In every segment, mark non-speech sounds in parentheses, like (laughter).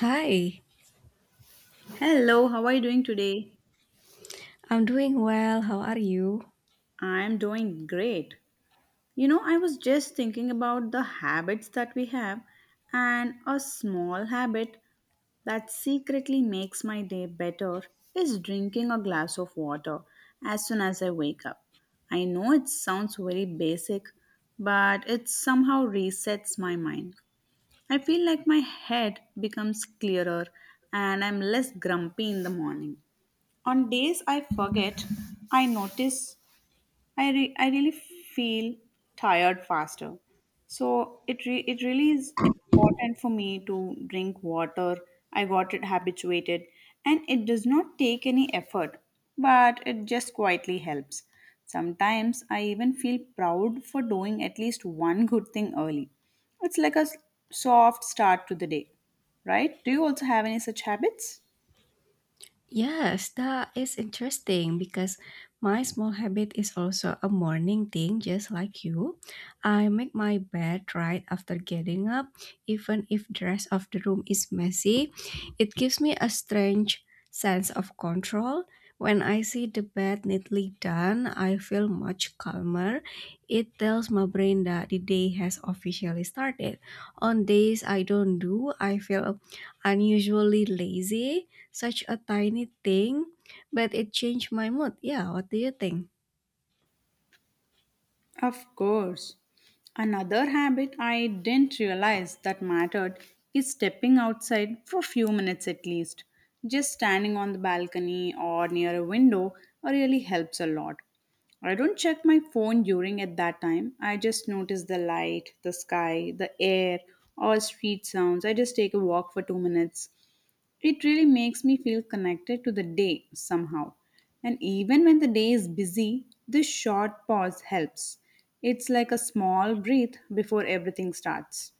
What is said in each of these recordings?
Hi, Hello, how are you doing today? I'm doing well. How are you? I'm doing great. You know, I was just thinking about the habits that we have, and a small habit that secretly makes my day better is drinking a glass of water as soon as I wake up. I know it sounds very basic, but it somehow resets my mind. I feel like my head becomes clearer and I'm less grumpy in the morning. On days I forget, I notice I really feel tired faster. So it really is important for me to drink water. I got it habituated and it does not take any effort, but it just quietly helps. Sometimes I even feel proud for doing at least one good thing early. It's like a soft start to the day, right? Do you also have any such habits? Yes, that is interesting because my small habit is also a morning thing, just like you. I make my bed right after getting up, even if the rest of the room is messy. It gives me a strange sense of control. When I see the bed neatly done, I feel much calmer. It tells my brain that the day has officially started. On days I don't do, I feel unusually lazy, such a tiny thing, but it changed my mood. Yeah, what do you think? Of course. Another habit I didn't realize that mattered is stepping outside for a few minutes at least. Just standing on the balcony or near a window really helps a lot. I don't check my phone during at that time. I just notice the light, the sky, the air, or street sounds. I just take a walk for 2 minutes. It really makes me feel connected to the day somehow. And even when the day is busy, this short pause helps. It's like a small breath before everything starts.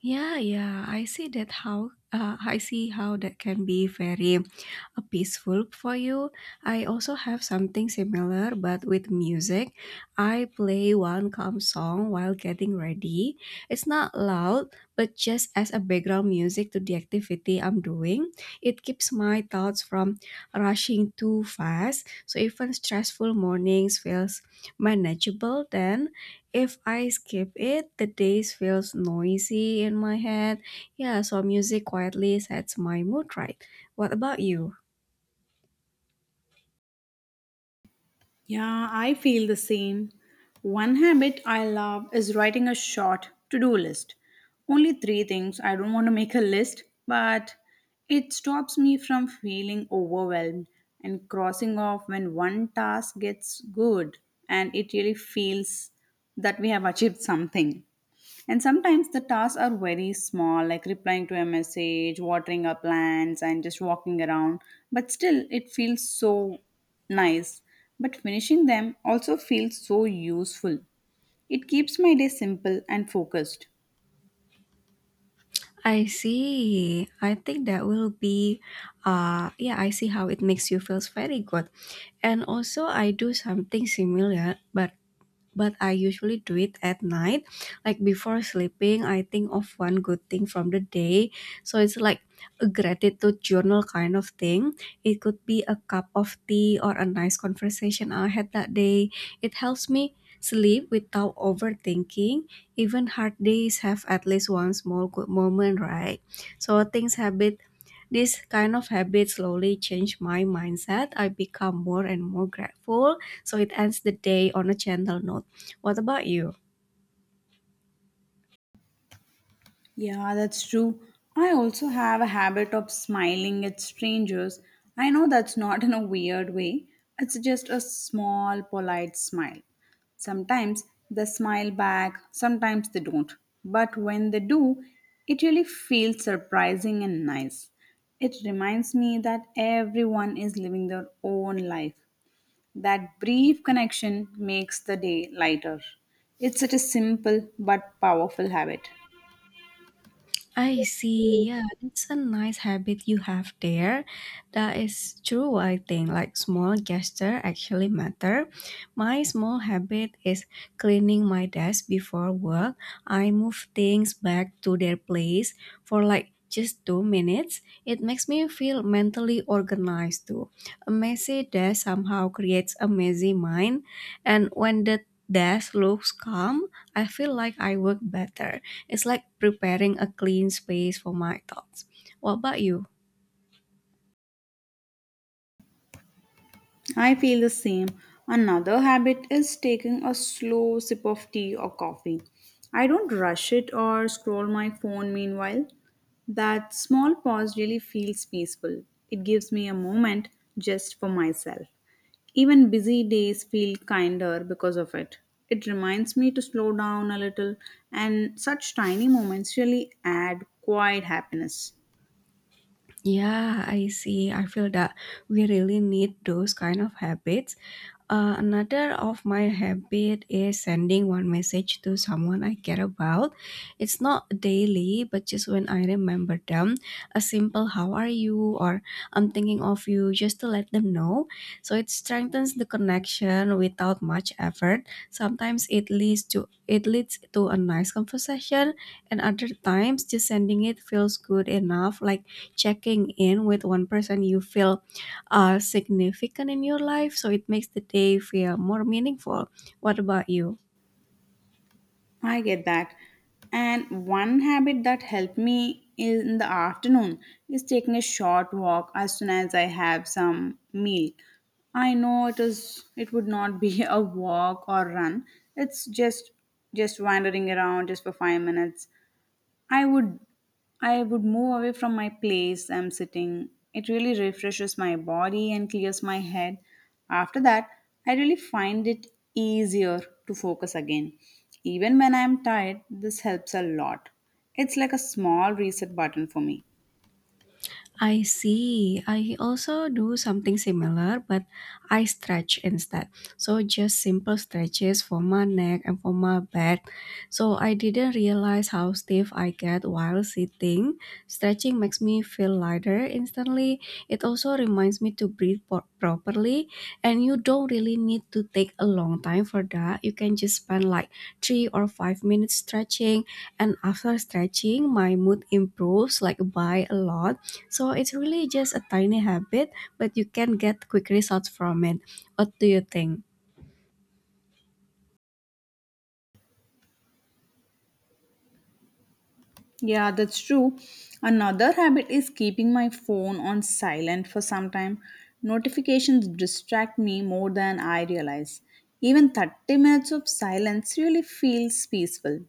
Yeah, yeah, I see how that can be very peaceful for you. I also have something similar, but with music. I play one calm song while getting ready. It's not loud, but just as a background music to the activity I'm doing, it keeps my thoughts from rushing too fast. So even stressful mornings feels manageable. Then if I skip it, the days feels noisy in my head. Yeah, so music quietly sets my mood right. What about you? Yeah, I feel the same. One habit I love is writing a short to do list. Only three things. I don't want to make a list, but it stops me from feeling overwhelmed and crossing off when one task gets good and it really feels that we have achieved something. And sometimes the tasks are very small, like replying to a message, watering our plants, and just walking around. But still, it feels so nice. But finishing them also feels so useful. It keeps my day simple and focused. I see. I think that will be yeah, I see how it makes you feels very good. And also I do something similar, but I usually do it at night. Like before sleeping, I think of one good thing from the day. So it's like a gratitude journal kind of thing. It could be a cup of tea or a nice conversation I had that day. It helps me sleep without overthinking. Even hard days have at least one small good moment, right? So things habit this kind of habit slowly changed my mindset. I become more and more grateful, so it ends the day on a gentle note. What about you? Yeah, that's true. I also have a habit of smiling at strangers. I know that's not in a weird way, it's just a small, polite smile. Sometimes they smile back, sometimes they don't. But when they do, it really feels surprising and nice. It reminds me that everyone is living their own life. That brief connection makes the day lighter. It's such a simple but powerful habit. I see. Yeah, it's a nice habit you have there. That is true, I think. Like small gesture actually matter. My small habit is cleaning my desk before work. I move things back to their place for like just 2 minutes. It makes me feel mentally organized too. A messy desk somehow creates a messy mind, and when the desk looks calm, I feel like I work better. It's like preparing a clean space for my thoughts. What about you? I feel the same. Another habit is taking a slow sip of tea or coffee. I don't rush it or scroll my phone meanwhile. That small pause really feels peaceful. It gives me a moment just for myself. Even busy days feel kinder because of it. It reminds me to slow down a little, and such tiny moments really add quiet happiness. Yeah, I see. I feel that we really need those kind of habits. Another of my habit is sending one message to someone I care about. It's not daily, but just when I remember them, a simple "How are you?" or "I'm thinking of you," just to let them know. So it strengthens the connection without much effort. Sometimes it leads to a nice conversation, and other times just sending it feels good enough, like checking in with one person you feel are significant in your life, so it makes the day feel more meaningful. What about you? I get that. And one habit that helped me in the afternoon is taking a short walk as soon as I have some meal. I know it is it would not be (laughs) a walk or run. It's just wandering around just for 5 minutes I would I would move away from my place I'm sitting. It really refreshes my body and clears my head. After that, I really find it easier to focus again. Even when I'm tired, this helps a lot. It's like a small reset button for me. I see. I also do something similar, but I stretch instead. So just simple stretches for my neck and for my back. So I didn't realize how stiff I get while sitting. Stretching makes me feel lighter instantly. It also reminds me to breathe properly, and you don't really need to take a long time for that. You can just spend like 3 or 5 minutes stretching, and after stretching, my mood improves like by a lot. So it's really just a tiny habit, but you can get quick results from it. What do you think? Yeah, that's true. Another habit is keeping my phone on silent for some time. Notifications distract me more than I realize. Even 30 minutes of silence really feels peaceful.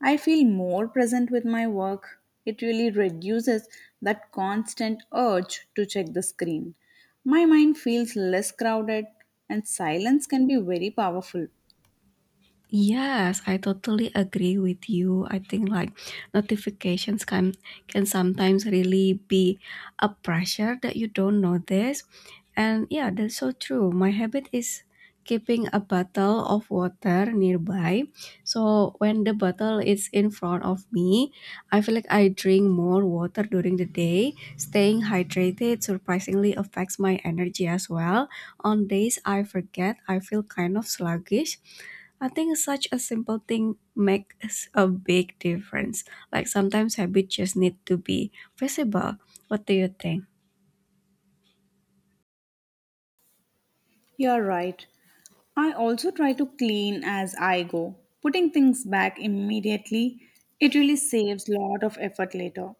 I feel more present with my work. It really reduces that constant urge to check the screen. My mind feels less crowded, and silence can be very powerful. Yes, I totally agree with you. I think like notifications can sometimes really be a pressure that you don't notice. And yeah, that's so true. My habit is keeping a bottle of water nearby. So when the bottle is in front of me, I feel like I drink more water during the day. Staying hydrated surprisingly affects my energy as well. On days I forget, I feel kind of sluggish. I think such a simple thing makes a big difference. Like sometimes habits just need to be visible. What do you think? You're right. I also try to clean as I go. Putting things back immediately, it really saves a lot of effort later.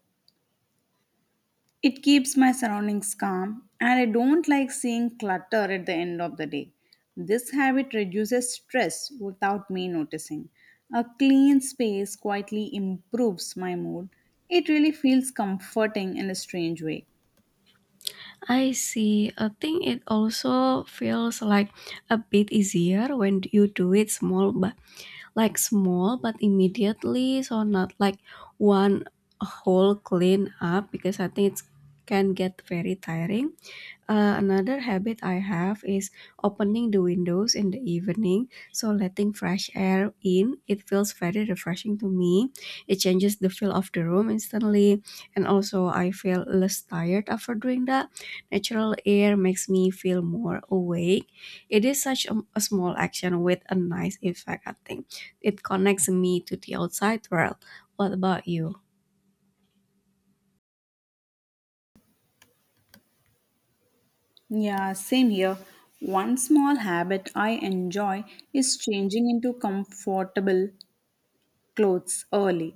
It keeps my surroundings calm and I don't like seeing clutter at the end of the day. This habit reduces stress without me noticing. A clean space quietly improves my mood. It really feels comforting in a strange way. I see. I think it also feels like a bit easier when you do it small, but like small but immediately, so not like one whole clean up, because I think it can get very tiring. Another habit I have is opening the windows in the evening, so letting fresh air in. It feels very refreshing to me. It changes the feel of the room instantly, and also I feel less tired after doing that. Natural air makes me feel more awake. It is such a small action with a nice effect, I think. It connects me to the outside world. What about you? Yeah, same here. One small habit I enjoy is changing into comfortable clothes early.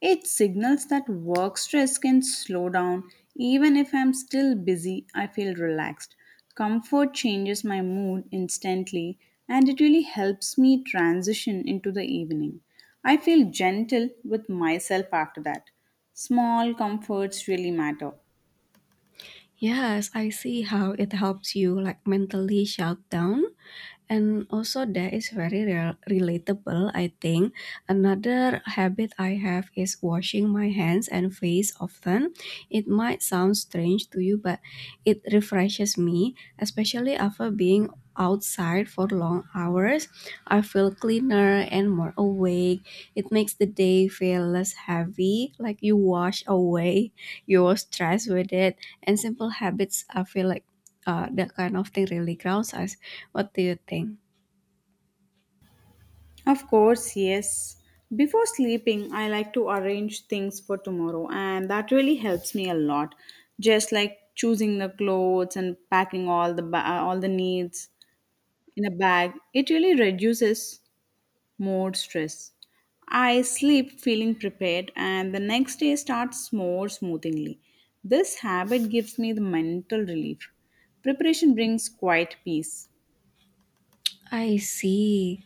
It signals that work stress can slow down. Even if I'm still busy, I feel relaxed. Comfort changes my mood instantly and it really helps me transition into the evening. I feel gentle with myself after that. Small comforts really matter. Yes, I see how it helps you like mentally shut down. And also that is very relatable, I think. Another habit I have is washing my hands and face often. It might sound strange to you, but it refreshes me, especially after being outside for long hours. I feel cleaner and more awake. It makes the day feel less heavy, like you wash away your stress with it, and simple habits, I feel like, that kind of thing really grounds us. What do you think? Of course, yes. Before sleeping, I like to arrange things for tomorrow, and that really helps me a lot. Just like choosing the clothes and packing all the all the needs in a bag, it really reduces more stress. I sleep feeling prepared, and the next day starts more smoothly. This habit gives me the mental relief. Preparation brings quiet peace. I see.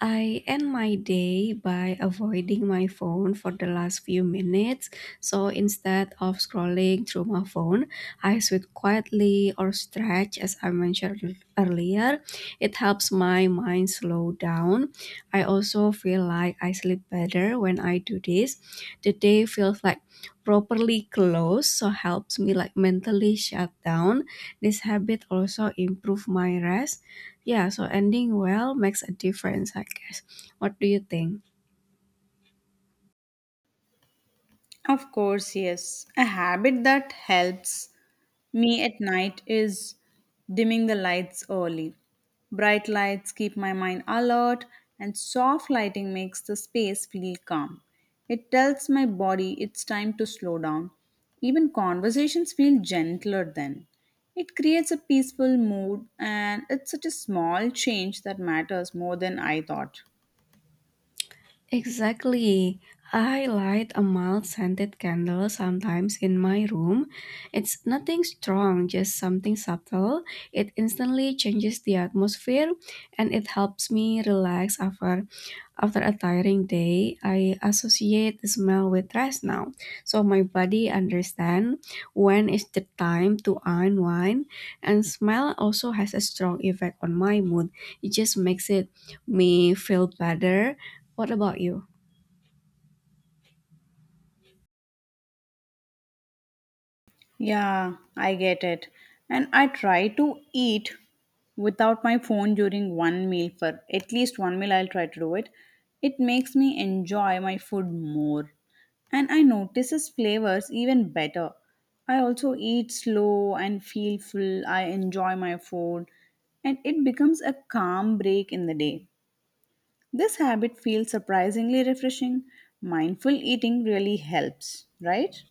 I end my day by avoiding my phone for the last few minutes. So instead of scrolling through my phone, I sit quietly or stretch, as I mentioned earlier. It helps my mind slow down. I also feel like I sleep better when I do this. The day feels like properly closed, so helps me like mentally shut down. This habit also improve my rest. Yeah, so ending well makes a difference, I guess. What do you think? Of course, yes. A habit that helps me at night is dimming the lights early. Bright lights keep my mind alert, and soft lighting makes the space feel calm. It tells my body it's time to slow down. Even conversations feel gentler then. It creates a peaceful mood, and it's such a small change that matters more than I thought. Exactly. I light a mild scented candle sometimes in my room. It's nothing strong, just something subtle. It instantly changes the atmosphere and it helps me relax after a tiring day. I associate the smell with rest now. So my body understands when is the time to unwind, and smell also has a strong effect on my mood. It just makes it me feel better. What about you? Yeah, I get it. And I try to eat without my phone during one meal for at least one meal I'll try to do it. It makes me enjoy my food more. And I notices flavors even better. I also eat slow and feel full. I enjoy my food and it becomes a calm break in the day. This habit feels surprisingly refreshing. Mindful eating really helps, right?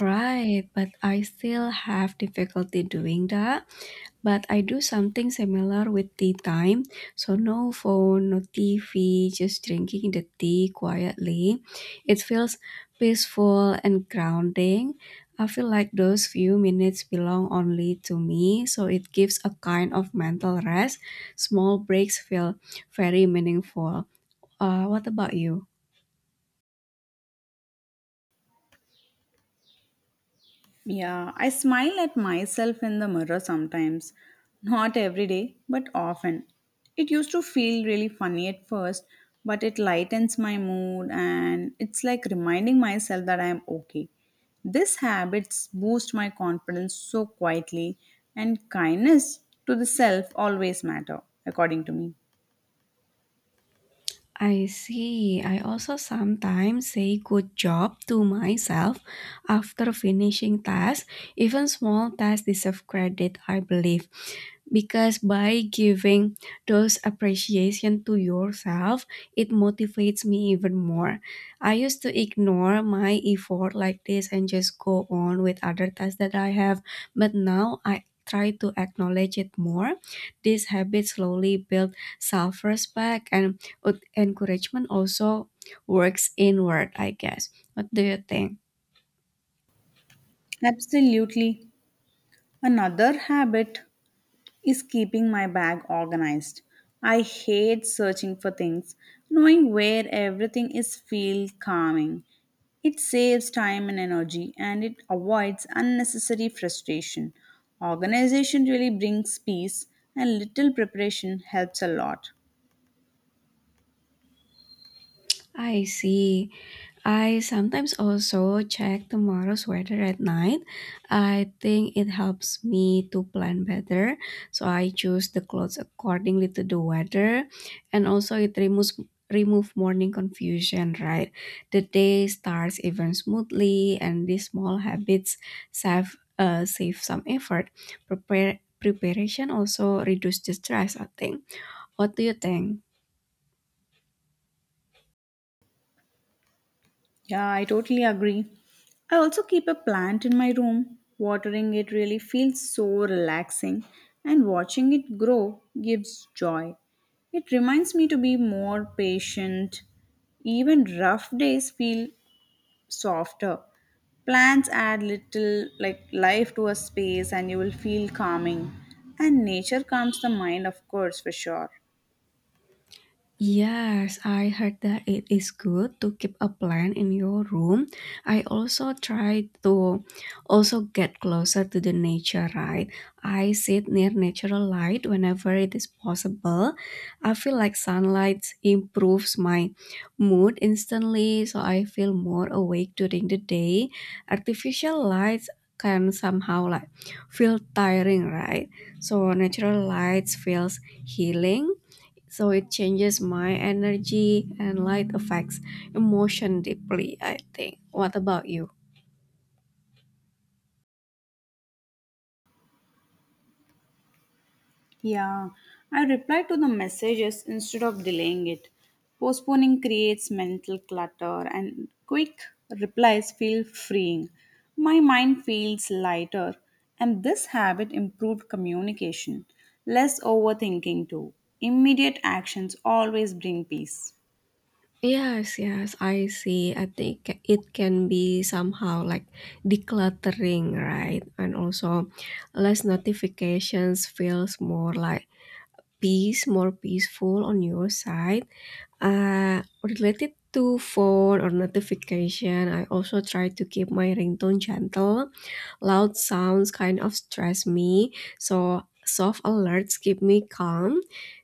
Right, but I still have difficulty doing that. But I do something similar with tea time. So no phone, no TV, just drinking the tea quietly. It feels peaceful and grounding. I feel like those few minutes belong only to me, so it gives a kind of mental rest. Small breaks feel very meaningful. What about you? Yeah, I smile at myself in the mirror sometimes. Not every day, but often. It used to feel really funny at first, but it lightens my mood and it's like reminding myself that I am okay. These habits boost my confidence so quietly, and kindness to the self always matter, according to me. I see. I also sometimes say good job to myself after finishing tasks. Even small tasks deserve credit, I believe, because by giving those appreciation to yourself, it motivates me even more. I used to ignore my effort like this and just go on with other tasks that I have, but now I try to acknowledge it more. This habit slowly build self-respect, and encouragement also works inward, I guess. What do you think? Absolutely. Another habit is keeping my bag organized. I hate searching for things. Knowing where everything is feels calming. It saves time and energy and it avoids unnecessary frustration. Organization really brings peace and little preparation helps a lot. I see. I sometimes also check tomorrow's weather at night. I think it helps me to plan better. So I choose the clothes accordingly to the weather, and also it removes remove morning confusion, right? The day starts even smoothly, and these small habits save some effort. Prepare preparation also reduces the stress, I think. What do you think? Yeah, I totally agree. I also keep a plant in my room. Watering it really feels so relaxing, and watching it grow gives joy. It reminds me to be more patient. Even rough days feel softer. Plants add little like life to a space and you will feel calming. And nature calms the mind, of course, for sure. Yes, I heard that it is good to keep a plant in your room. I also try to also get closer to the nature, right? I sit near natural light whenever it is possible. I feel like sunlight improves my mood instantly, so I feel more awake during the day. Artificial lights can somehow like feel tiring, right? So natural lights feels healing, so it changes my energy, and light affects emotion deeply, I think. What about you? Yeah, I replied to the messages instead of delaying it. Postponing creates mental clutter, and quick replies feel freeing. My mind feels lighter, and this habit improved communication, less overthinking too. Immediate actions always bring peace. Yes, yes, I see. I think it can be somehow like decluttering, right? And also less notifications feels more like peace, more peaceful on your side. uh Related to phone or notification, I also try to keep my ringtone gentle. Loud sounds kind of stress me, so soft alerts keep me calm.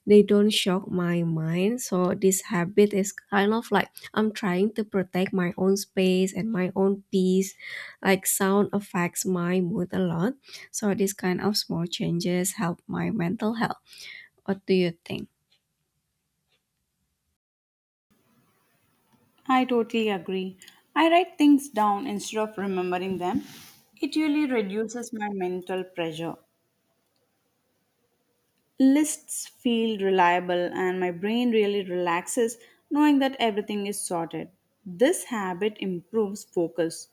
They don't shock my mind, so this habit is kind of like I'm trying to protect my own space and my own peace. Like sound affects my mood a lot, so these kind of small changes help my mental health. What do you think? I totally agree. I write things down instead of remembering them. It really reduces my mental pressure. Lists feel reliable, and my brain really relaxes knowing that everything is sorted. This habit improves focus,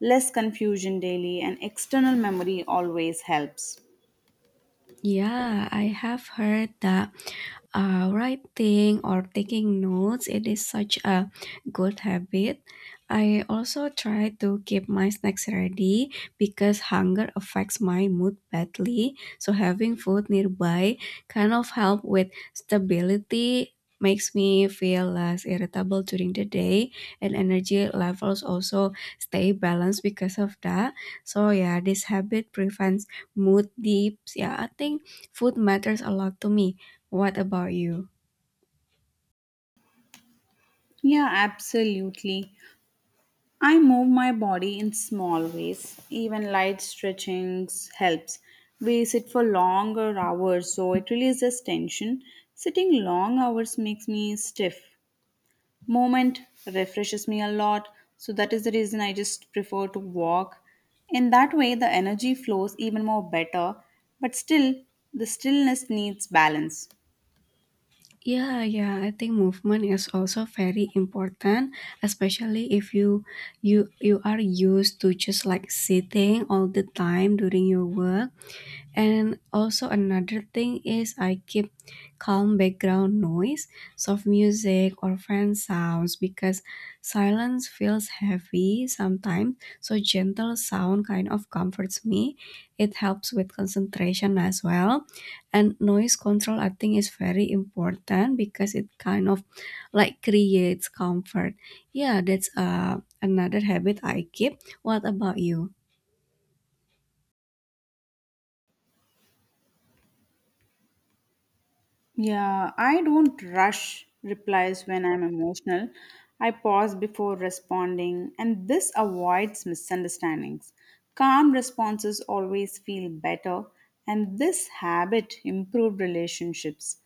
less confusion daily, and external memory always helps. Yeah, I have heard that writing or taking notes, it is such a good habit. I also try to keep my snacks ready, because hunger affects my mood badly. So having food nearby kind of help with stability, makes me feel less irritable during the day, and energy levels also stay balanced because of that. So yeah, this habit prevents mood dips. Yeah, I think food matters a lot to me. What about you? Yeah, absolutely. I move my body in small ways. Even light stretchings helps. We sit for longer hours, so it releases tension. Sitting long hours makes me stiff. Moment refreshes me a lot, so that is the reason I just prefer to walk. In that way, the energy flows even more better, but still, the stillness needs balance. Yeah, yeah, I think movement is also very important, especially if you are used to just like sitting all the time during your work. And also another thing is I keep calm background noise, soft music or fan sounds, because silence feels heavy sometimes. So gentle sound kind of comforts me. It helps with concentration as well. And noise control I think is very important because it kind of like creates comfort. Yeah, that's another habit I keep. What about you? Yeah, I don't rush replies when I'm emotional. I pause before responding, and this avoids misunderstandings. Calm responses always feel better, and this habit improved relationships.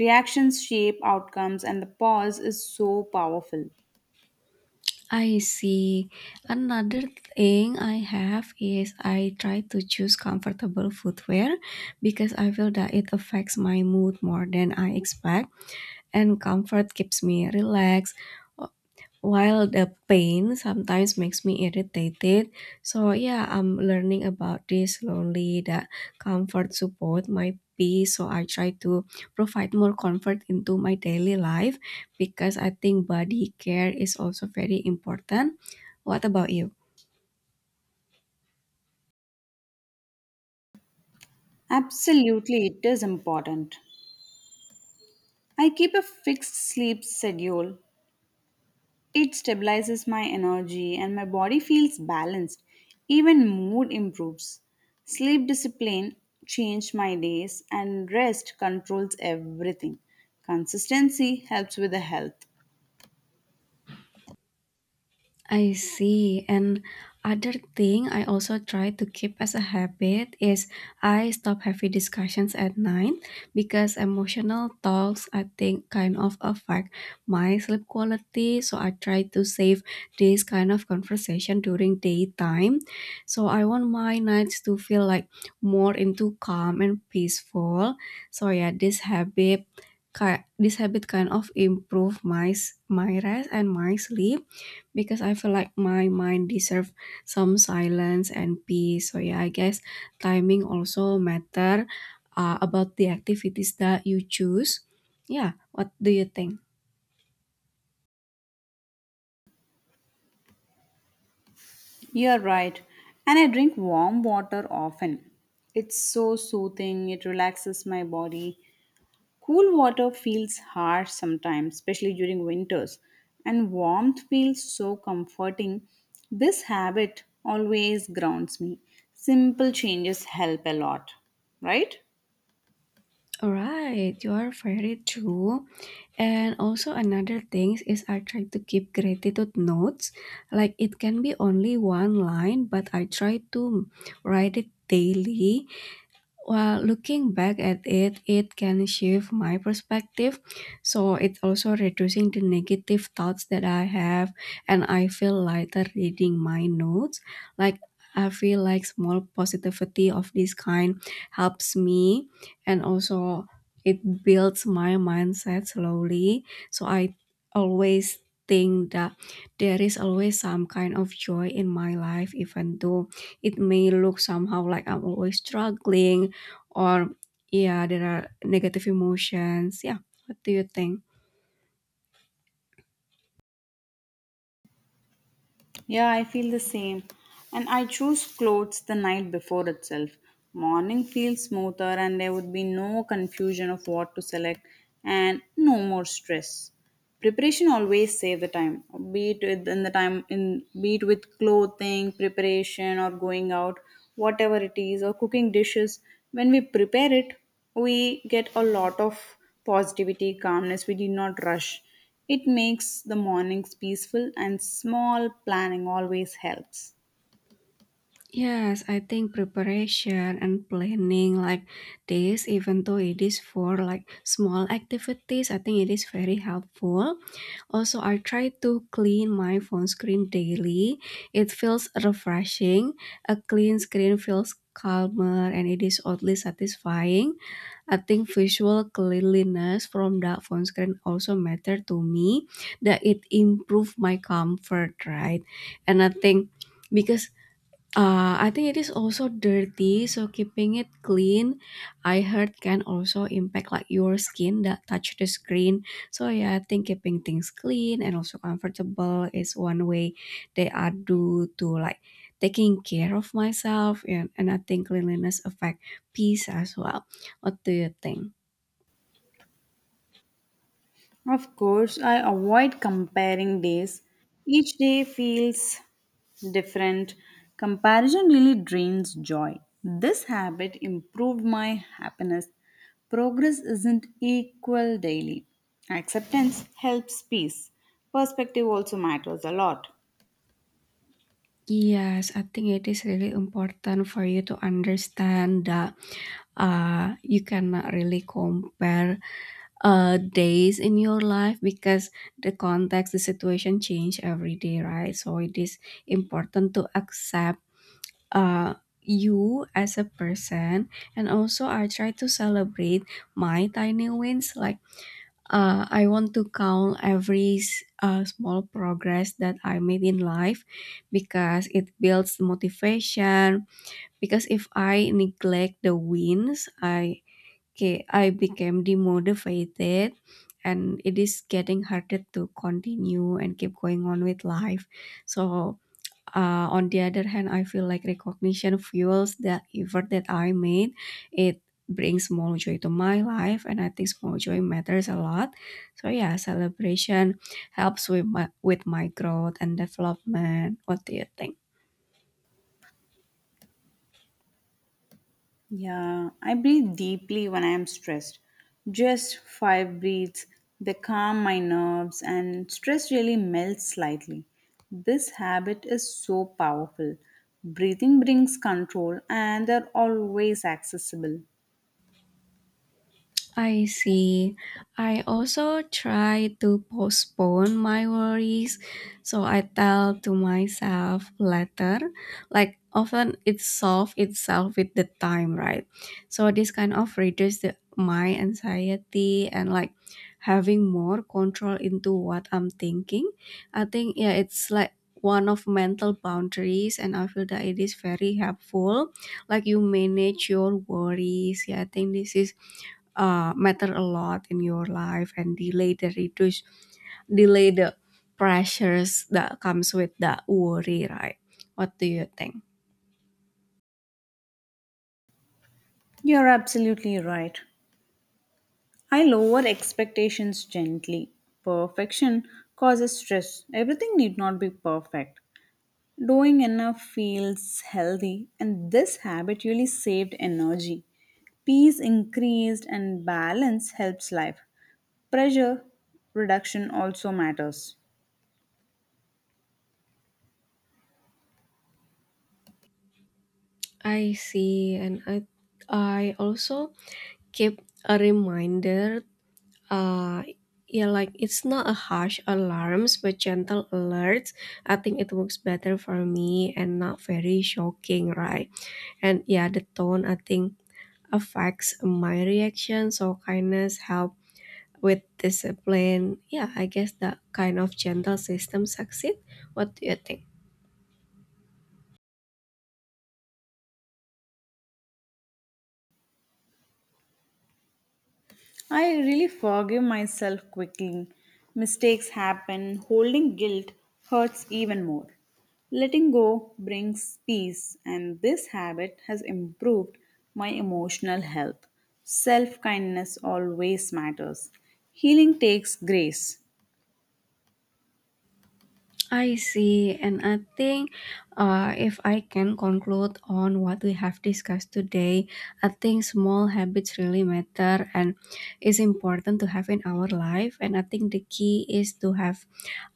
Reactions shape outcomes, and the pause is so powerful. I see. Another thing I have is I try to choose comfortable footwear because I feel that it affects my mood more than I expect, and comfort keeps me relaxed while the pain sometimes makes me irritated. So yeah, I'm learning about this slowly that comfort support my peace. So I try to provide more comfort into my daily life because I think body care is also very important. What about you? Absolutely, it is important. I keep a fixed sleep schedule. It stabilizes my energy and my body feels balanced. Even mood improves. Sleep discipline changed my days, and rest controls everything. Consistency helps with the health. I see. And other thing I also try to keep as a habit is I stop heavy discussions at night because emotional talks I think kind of affect my sleep quality. So I try to save this kind of conversation during daytime. So I want my nights to feel like more into calm and peaceful. So yeah, this habit this habit kind of improve my rest and my sleep because I feel like my mind deserve some silence and peace. So yeah, I guess timing also matter about the activities that you choose. Yeah, what do you think? You're right. And I drink warm water often. It's so soothing, it relaxes my body. Cool water feels harsh sometimes, especially during winters, and warmth feels so comforting. This habit always grounds me. Simple changes help a lot, right? All right, you are very true. And also another thing is I try to keep gratitude notes. Like it can be only one line, but I try to write it daily. Well, looking back at it, it can shift my perspective. So it's also reducing the negative thoughts that I have, and I feel lighter reading my notes. Like, I feel like small positivity of this kind helps me, and also it builds my mindset slowly. So I always think that there is always some kind of joy in my life even though it may look somehow like I'm always struggling, or yeah, there are negative emotions. Yeah, what do you think? Yeah, I feel the same. And I choose clothes the night before itself. Morning feels smoother and there would be no confusion of what to select and no more stress. Preparation always save the time, in the time in be it with clothing, preparation or going out, whatever it is, or cooking dishes. When we prepare it, we get a lot of positivity, calmness. We did not rush. It makes the mornings peaceful and small planning always helps. Yes, I think preparation and planning like this, even though it is for like small activities, I think it is very helpful. Also, I try to clean my phone screen daily. It feels refreshing. A clean screen feels calmer and it is oddly satisfying. I think visual cleanliness from the phone screen also matter to me, that it improved my comfort, right? And I think because I think it is also dirty, so keeping it clean, I heard can also impact like your skin that touch the screen. So yeah, I think keeping things clean and also comfortable is one way they are do to like taking care of myself and I think cleanliness affect peace as well. What do you think? Of course, I avoid comparing days. Each day feels different. Comparison really drains joy. This habit improved my happiness. Progress isn't equal daily. Acceptance helps peace. Perspective also matters a lot. Yes, I think it is really important for you to understand that you cannot really compare days in your life because the context, the situation change every day, right? So it is important to accept uh, you as a person. And also, I try to celebrate my tiny wins. Like, I want to count every small progress that I made in life because it builds motivation. Because if I neglect the wins, I okay, I became demotivated and it is getting harder to continue and keep going on with life. So, on the other hand, I feel like recognition fuels the effort that I made. It brings more joy to my life, and I think small joy matters a lot. So, yeah, celebration helps with my growth and development. What do you think? Yeah, I breathe deeply when I am stressed. Just five breaths, they calm my nerves, and stress really melts slightly. This habit is so powerful. Breathing brings control, and they're always accessible. I see. I also try to postpone my worries. So I tell to myself later, like often it solves itself with the time, right? So this kind of reduces my anxiety and like having more control into what I'm thinking. I think, yeah, it's like one of mental boundaries, and I feel that it is very helpful. Like you manage your worries. Yeah, I think this is matter a lot in your life and delay the pressures that comes with that worry, right? What do you think? You're absolutely right. I lower expectations gently. Perfection causes stress. Everything need not be perfect. Doing enough feels healthy, and this habit really saved energy. Peace increased, and balance helps life. Pressure reduction also matters. I see, and I also keep a reminder. Uh, yeah, like it's not a harsh alarms, but gentle alerts. I think it works better for me and not very shocking, right? And yeah, the tone I think affects my reaction. So kindness help with discipline, yeah, I guess that kind of gentle system succeed. What do you think? I really forgive myself quickly. Mistakes happen, holding guilt hurts even more. Letting go brings peace, and this habit has improved my emotional health. Self kindness always matters. Healing takes grace. I see, and I think if I can conclude on what we have discussed today, I think small habits really matter and is important to have in our life. And I think the key is to have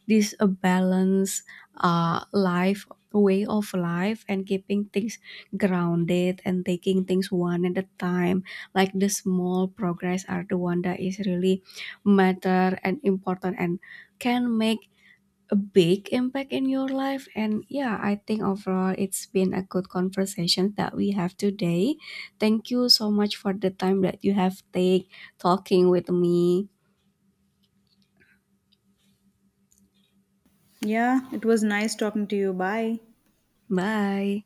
this a balance life, way of life, and keeping things grounded and taking things one at a time. Like the small progress are the one that is really matter and important and can make a big impact in your life. And yeah, I think overall it's been a good conversation that we have today. Thank you so much for the time that you have take talking with me. Yeah, it was nice talking to you. Bye. Bye.